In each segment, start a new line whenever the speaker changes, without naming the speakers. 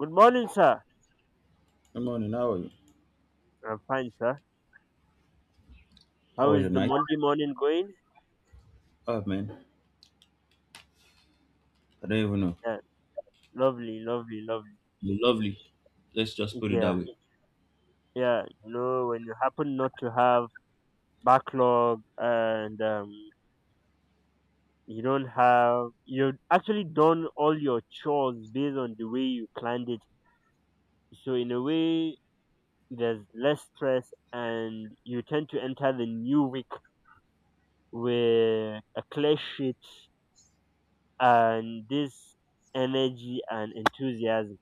Good morning, sir.
Good morning. How are you?
I'm fine, sir.
How
How
was your
is the
night?
Monday morning going?
Oh man, I don't even know.
Yeah, lovely, lovely, lovely.
You're lovely. Let's just put it that
Yeah,
way.
yeah. You know, when you happen not to have backlog and you don't have, you've actually done all your chores based on the way you planned it. So in a way, there's less stress, and you tend to enter the new week with a clear sheet and this energy and enthusiasm.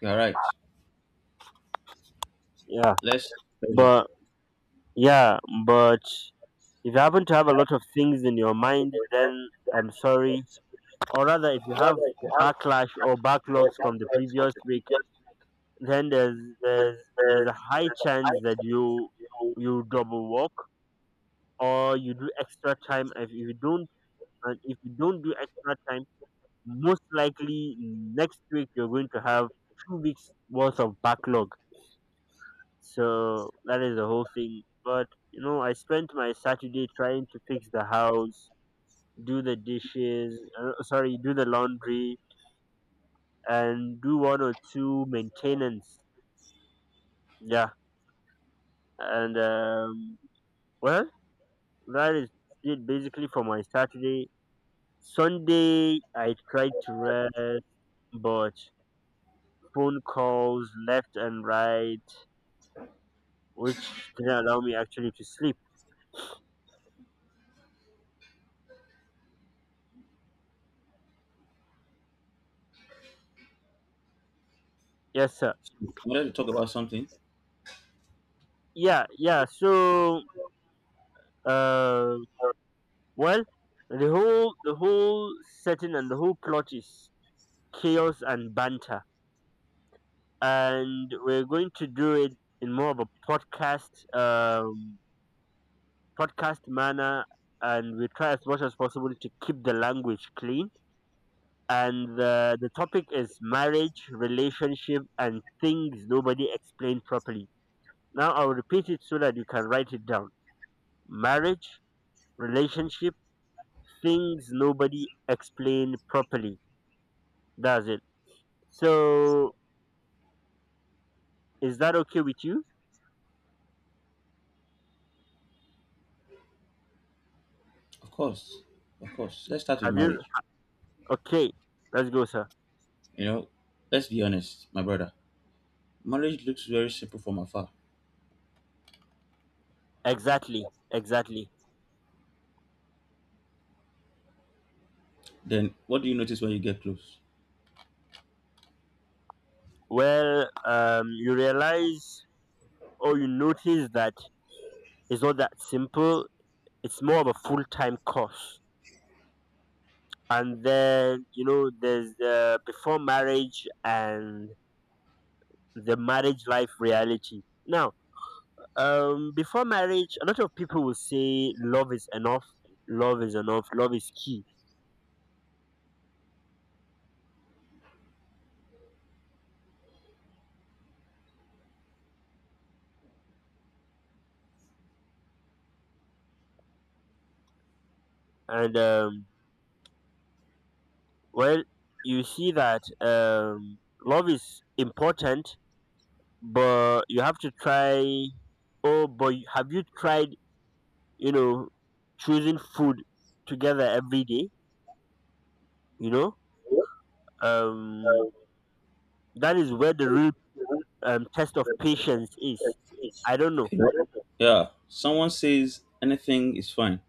You're right.
Yeah,
Let's pleasure.
but Yeah, but if you happen to have a lot of things in your mind, then I'm sorry. Or rather, if you have backlash or backlogs from the previous week, then there's there's a high chance that you double work or you do extra time. If you don't do extra time, most likely next week you're going to have 2 weeks worth of backlog. So that is the whole thing. But I spent my Saturday trying to fix the house, do the dishes, sorry, do the laundry, and do one or two maintenance. Yeah, and well, that is it basically for my Saturday. Sunday, I tried to rest, but phone calls left and right, which didn't allow me actually to sleep. Yes, sir.
You wanted to talk about something?
Yeah, yeah. So, uh, well, the whole setting and the whole plot is chaos and banter, and we're going to do it in more of a podcast manner, and we try as much as possible to keep the language clean. And the topic is marriage, relationship, and things nobody explained properly. Now I'll repeat it so that you can write it down: marriage, relationship, things nobody explained properly. That's it. So is that okay with you?
Of course, of course. Let's start with
Have you
marriage.
Okay, let's go, sir.
You know, let's be honest, my brother. Marriage looks very simple from afar.
Exactly, exactly.
Then what do you notice when you get close?
Well, you realize or you notice that it's not that simple. It's more of a full time course. And then, you know, there's the before marriage and the marriage life reality. Now, before marriage, a lot of people will say love is enough, love is enough, love is key. And, well, you see that, love is important, but you have to try. Oh, but have you tried, you know choosing food together every day? you know um that is where the real, test of patience is. I don't know.
Yeah, someone says anything is fine,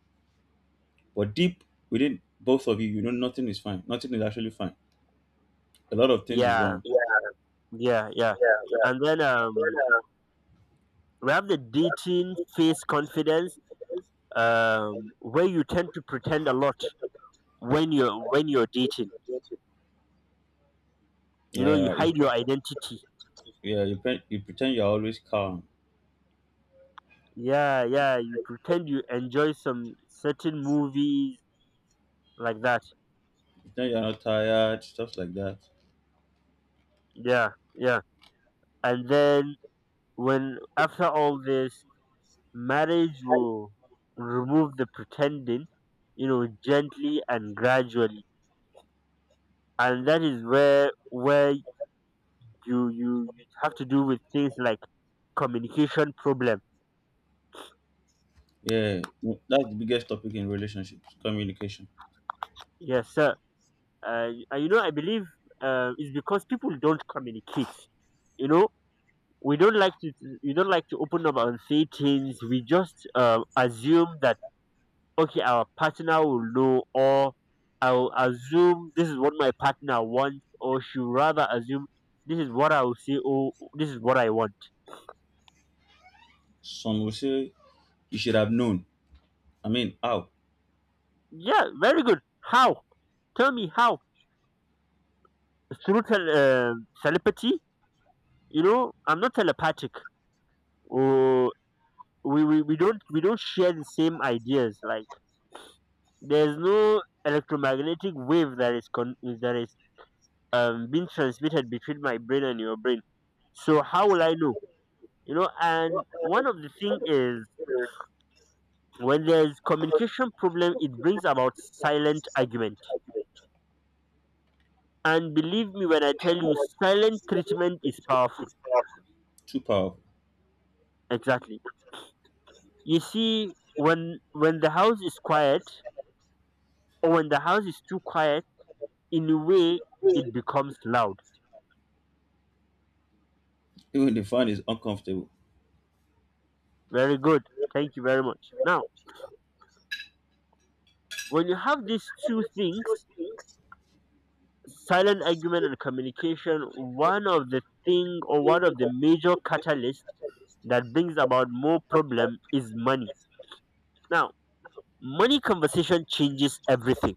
but deep within both of you, you know nothing is fine. Nothing is actually fine. A lot of things is
Yeah,
wrong.
yeah, yeah. And then we have the dating face confidence, where you tend to pretend a lot when you're dating. You
Yeah, you,
hide your identity.
you pretend you're always calm.
Yeah, yeah, you pretend you enjoy some certain movies, like that.
Then you're not tired, stuff like that.
Yeah, yeah. And then, when after all this, marriage will remove the pretending, gently and gradually. And that is where you, you have to do with things like communication problem.
Yeah, that's the biggest topic in relationships communication.
Yes, sir. And I believe, it's because people don't communicate. You know, we don't like to we don't like to open up and say things. We just assume that, okay, our partner will know, or I'll assume this is what my partner wants, or she will rather assume this is what I will say, or this is what I want.
Some will say you should have known. I mean, how?
Yeah, very good. How? Tell me how. Through telepathy? I'm not telepathic. Or we don't share the same ideas. Like, there's no electromagnetic wave that is that is being transmitted between my brain and your brain. So how will I know? And one of the thing is, when there's communication problem, it brings about silent argument. And believe me when I tell you, silent treatment is powerful.
Too powerful.
Exactly. You see, when the house is quiet, or when the house is too quiet, in a way, it becomes loud.
Even the fun is uncomfortable.
Very good. Thank you very much. Now, when you have these two things, silent argument and communication, one of the thing, or one of the major catalyst that brings about more problem, is money. Now, money conversation changes everything.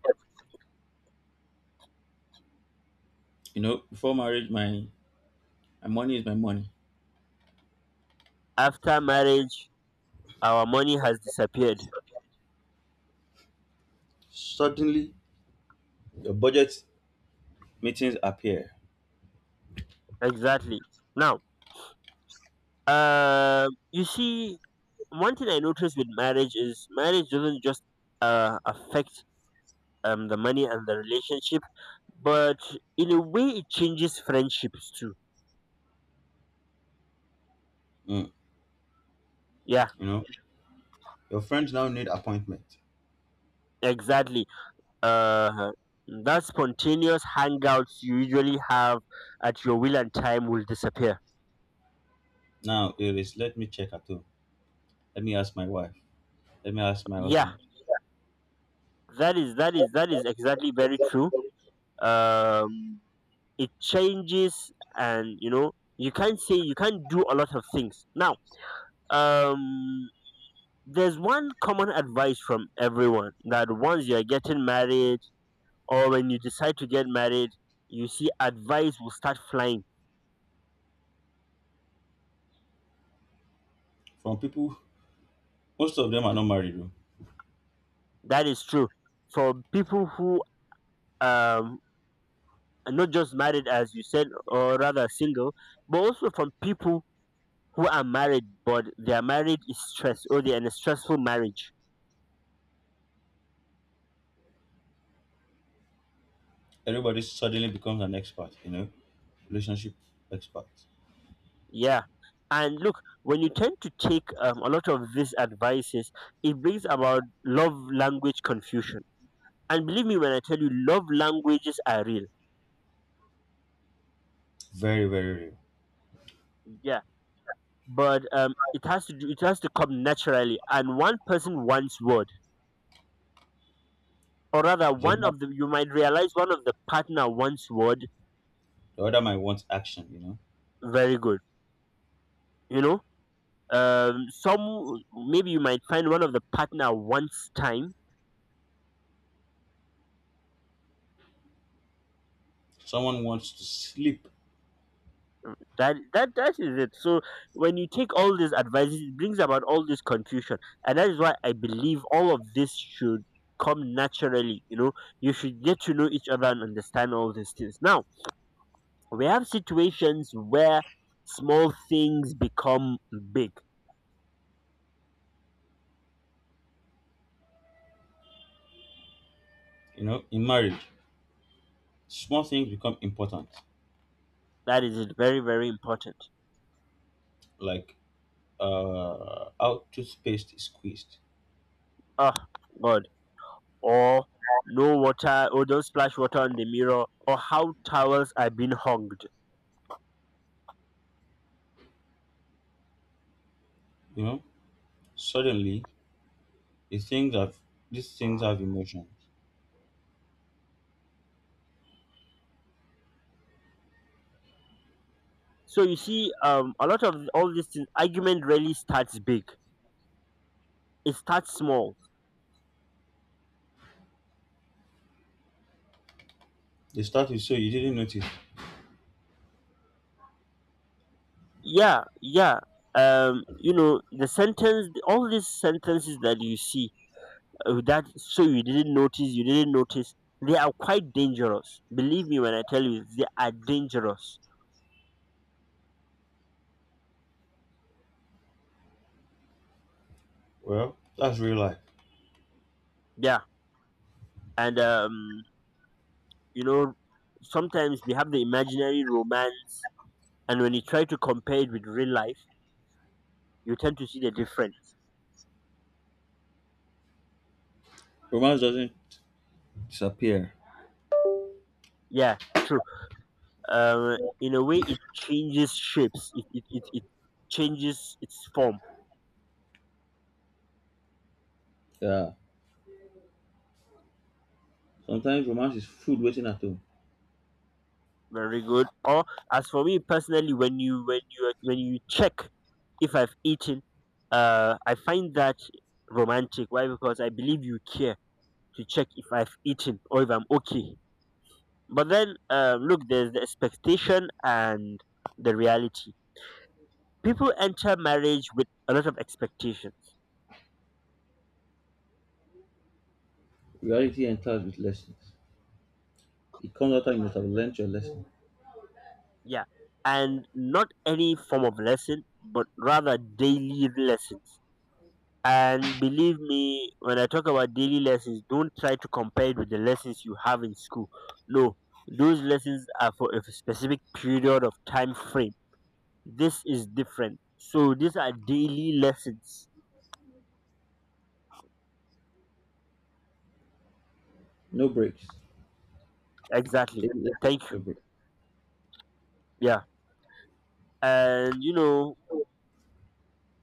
Before marriage, my money is my money.
After marriage, our money has disappeared.
Suddenly, your budget meetings appear.
Exactly. Now, you see, one thing I noticed with marriage is, marriage doesn't just, affect, the money and the relationship, but in a way, it changes friendships too.
Mm,
Yeah,
you know, your friends now need appointment.
exactly. uh that spontaneous hangouts you usually have at your will and time will disappear.
Now it is let me check at home. Let me ask my wife. Let me ask my
Yeah,
husband.
that is exactly very true. um it changes. And you can't do a lot of things now. um there's one common advice from everyone that once you're getting married, or when you decide to get married, you see advice will start flying.
From people, most of them are not married.
That is true, for people who, um and not just married, as you said, or rather single, but also from people who are married but their marriage is stressed or they're in a stressful marriage.
Everybody suddenly becomes an expert, you know, relationship expert.
Yeah, and look, when you tend to take, a lot of these advices, it brings about love language confusion. And believe me when I tell you, love languages are real.
Very, very rare.
Yeah, but it has to come naturally, and one person wants word, or rather,
The
one
other,
of the you might realize one of the partner wants word.
the other might want action, you know.
Very good. you know some, maybe you might find one of the partner wants time.
Someone wants to sleep,
That is it. So when you take all these advices, it brings about all this confusion, and that is why I believe all of this should come naturally. You should get to know each other and understand all these things. Now we have situations where small things become big.
you know, in marriage. Small things become important,
That is it, very very important.
like how toothpaste is squeezed,
Oh god. Or no water, or don't splash water on the mirror, or how towels are being hung.
you know. Suddenly, the things have, these things have emotions.
So you see, a lot of all these things, argument really starts big. It starts small.
They start with, so you didn't notice.
Yeah, yeah. All these sentences that you see, that, so you didn't notice, they are quite dangerous. Believe me when I tell you, they are dangerous.
Well, that's real life.
Yeah, and you know, sometimes we have the imaginary romance, and when you try to compare it with real life, you tend to see the difference.
Romance doesn't disappear.
Yeah, true. In a way, it changes shapes. It changes its form.
Yeah. Sometimes romance is food waiting at home.
Very good. Or as for me personally, when you check if I've eaten, I find that romantic. Why? Because I believe you care to check if I've eaten or if I'm okay. But then, look, there's the expectation and the reality. People enter marriage with a lot of expectations.
Reality enters with lessons. It comes after you must have learned your lesson.
Yeah, and not any form of lesson, but rather daily lessons, and believe me, when I talk about daily lessons, don't try to compare it with the lessons you have in school. No. Those lessons are for a specific period of time frame. This is different. So these are daily lessons.
No breaks.
Exactly.
Take lessons,
Thank you.
no break.
Yeah. And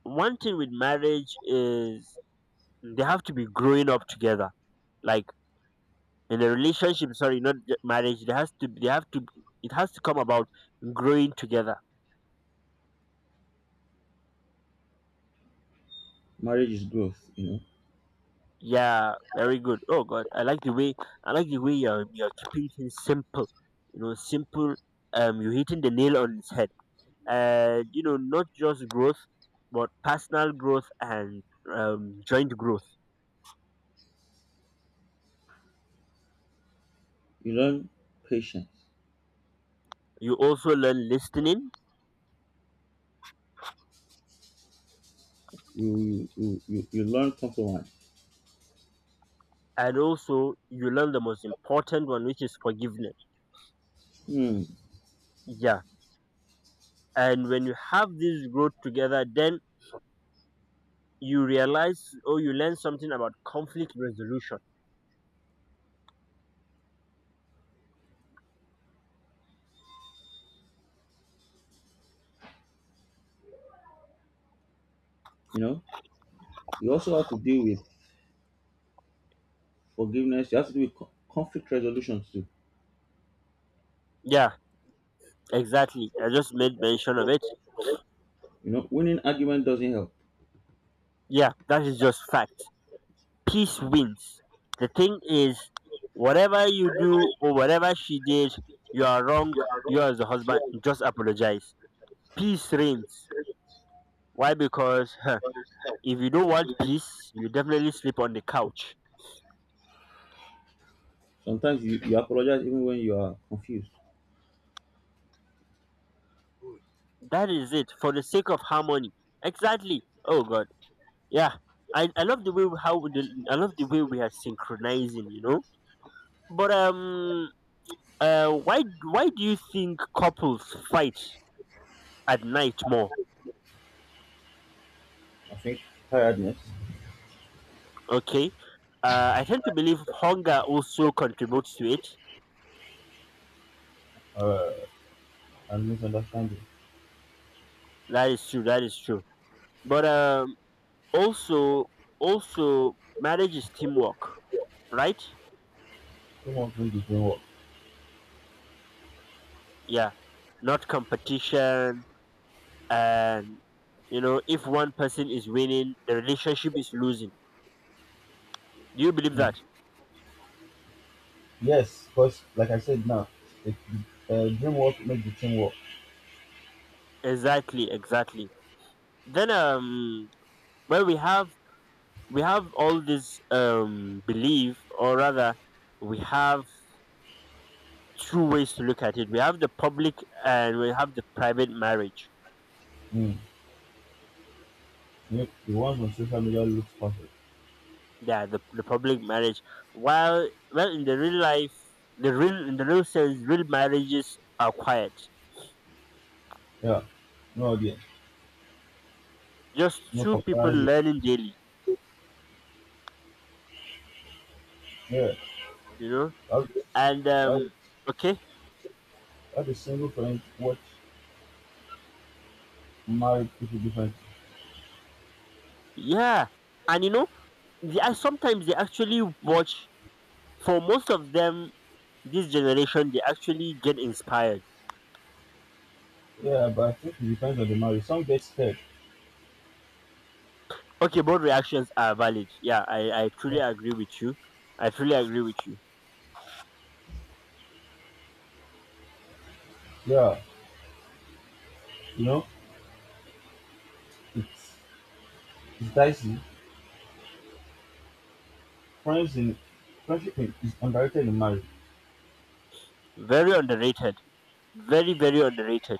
one thing with marriage is, they have to be growing up together, like in a relationship. Sorry, not marriage. They has to they have to It has to come about growing together.
Marriage is growth, you know.
Yeah, very good. Oh god, I like the way you're keeping things simple. Simple. You're hitting the nail on its head. Not just growth, but personal growth, and joint growth.
You learn patience.
You also learn listening.
You learn compromise.
And also you learn the most important one, which is forgiveness.
Hmm.
Yeah. And when you have this growth together, then you realize, or you learn something about conflict resolution.
You know, you also have to deal with forgiveness. You have to deal with co- conflict resolutions too.
Yeah, exactly, I just made mention of it.
You know, winning argument doesn't help.
Yeah, that is just fact. Peace wins. The thing is, whatever you do or whatever she did, you are wrong. You, as the husband, just apologize. Peace reigns. Why? Because, if you don't want peace, you definitely sleep on the couch.
Sometimes you apologize even when you are confused.
That is it, for the sake of harmony. Exactly. Oh god. Yeah. I love the way we- how we the, I love the way we are synchronizing. But uh why why do you think couples fight at night more?
I think tiredness
Okay. I tend to believe hunger also contributes to it.
uh, and misunderstanding.
That is true, that is true. But also also marriage is teamwork, right?
Don't to make the dream work.
Yeah, not competition. And if one person is winning, the relationship is losing. Do you believe
Hmm.
that?
Yes, because like I said now, the dream work make the team work.
Exactly, exactly. Then well, we have all this belief, or rather, we have two ways to look at it. We have the public and we have the private marriage.
Mm. Nick, you won on social media looks perfect.
Yeah, the public marriage. While well in the real life the real In the real sense, real marriages are quiet.
Yeah, no idea.
Just
No
two people
paparazzi.
learning daily,
Yeah,
you know?
I'll,
And
I'll,
okay.
I'll single friend watch married people different.
Yeah. And they are sometimes they actually watch. For most of them, this generation, they actually get inspired.
Yeah, but I think it depends on the marriage. Some get scared.
Okay, both reactions are valid. Yeah, I truly
Yeah,
agree with you. I truly agree with you.
yeah, you know, it, it's dicey. Friends in Friendship in- is underrated in marriage.
Very underrated. Very, very underrated.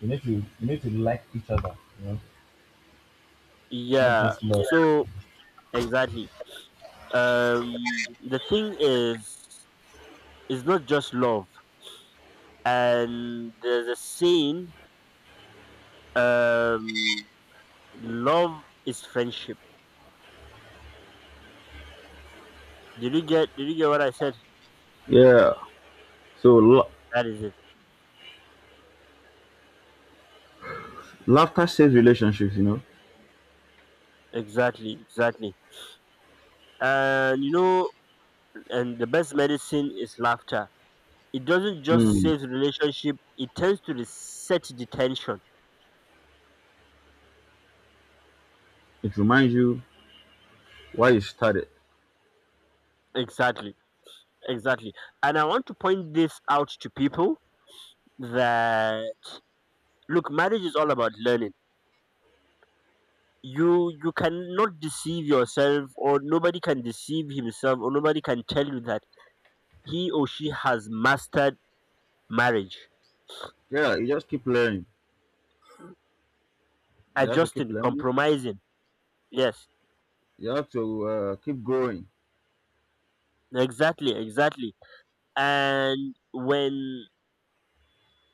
You need to like each other. You know, not
Yeah.
just love.
So exactly. Um the thing is, it's not just love. And there's a saying, um love is friendship. Did you get what I said?
Yeah. So
That is it.
laughter saves relationships, you know.
Exactly, exactly. And you know, and the best medicine is laughter. It doesn't just
Mm.
save the relationship, it tends to reset the tension.
It reminds you why you started.
Exactly. Exactly. And I want to point this out to people that, look, marriage is all about learning. You cannot deceive yourself, or nobody can deceive himself, or nobody can tell you that he or she has mastered marriage.
Yeah, you just keep learning. You have to keep
Adjusting,
learning.
compromising. Yes.
You have to keep growing.
Exactly, exactly. And when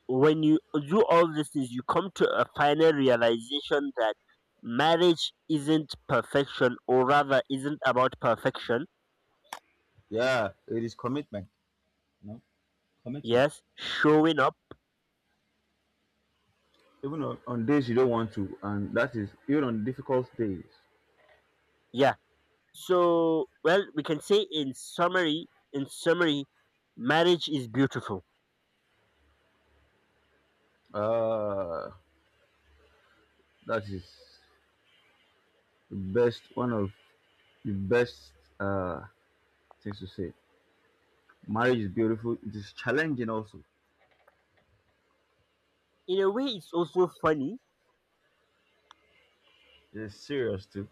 when you do all these things, you come to a final realization that marriage isn't perfection, or rather, isn't about perfection.
Yeah, it is commitment. You know, commitment.
Yes, showing up.
Even on days you don't want to, and that is even on difficult days.
Yeah. So, well, we can say, in summary, marriage is beautiful.
Uh, that is the best one of the best uh things to say. Marriage is beautiful. It is challenging also.
In a way, it's also funny,
It is serious too.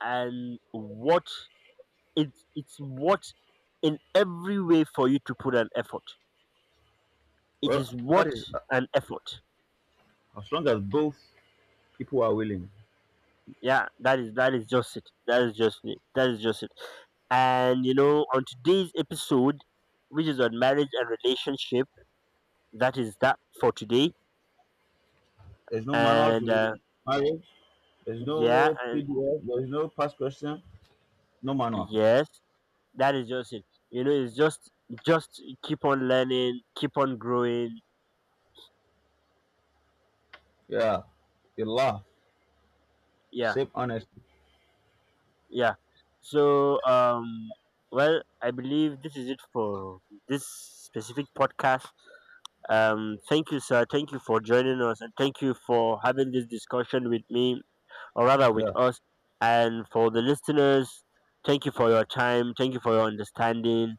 and what, it's what, in every way for you to put an effort. It
Well,
is
that
what,
is
an effort.
as long as both people are willing.
Yeah, that is just it, that is just it, that is just it. And on today's episode, which is on marriage and relationship, that is that for today.
There's no manual
And
to marriage. There's
yeah.
no
And
PDF. There's no past question. No manual.
yes, that is just it. It's Just keep on learning, keep on growing.
Yeah, you laugh.
Yeah,
Sip honestly.
yeah. So well, I believe this is it for this specific podcast. Thank you, sir. Thank you for joining us, and thank you for having this discussion with me, or rather with
Yeah,
us. And for the listeners, thank you for your time. Thank you for your understanding.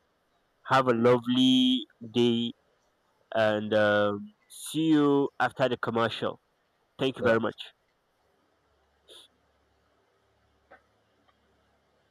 Have a lovely day, and see you after the commercial. Thank you
yeah.
very much.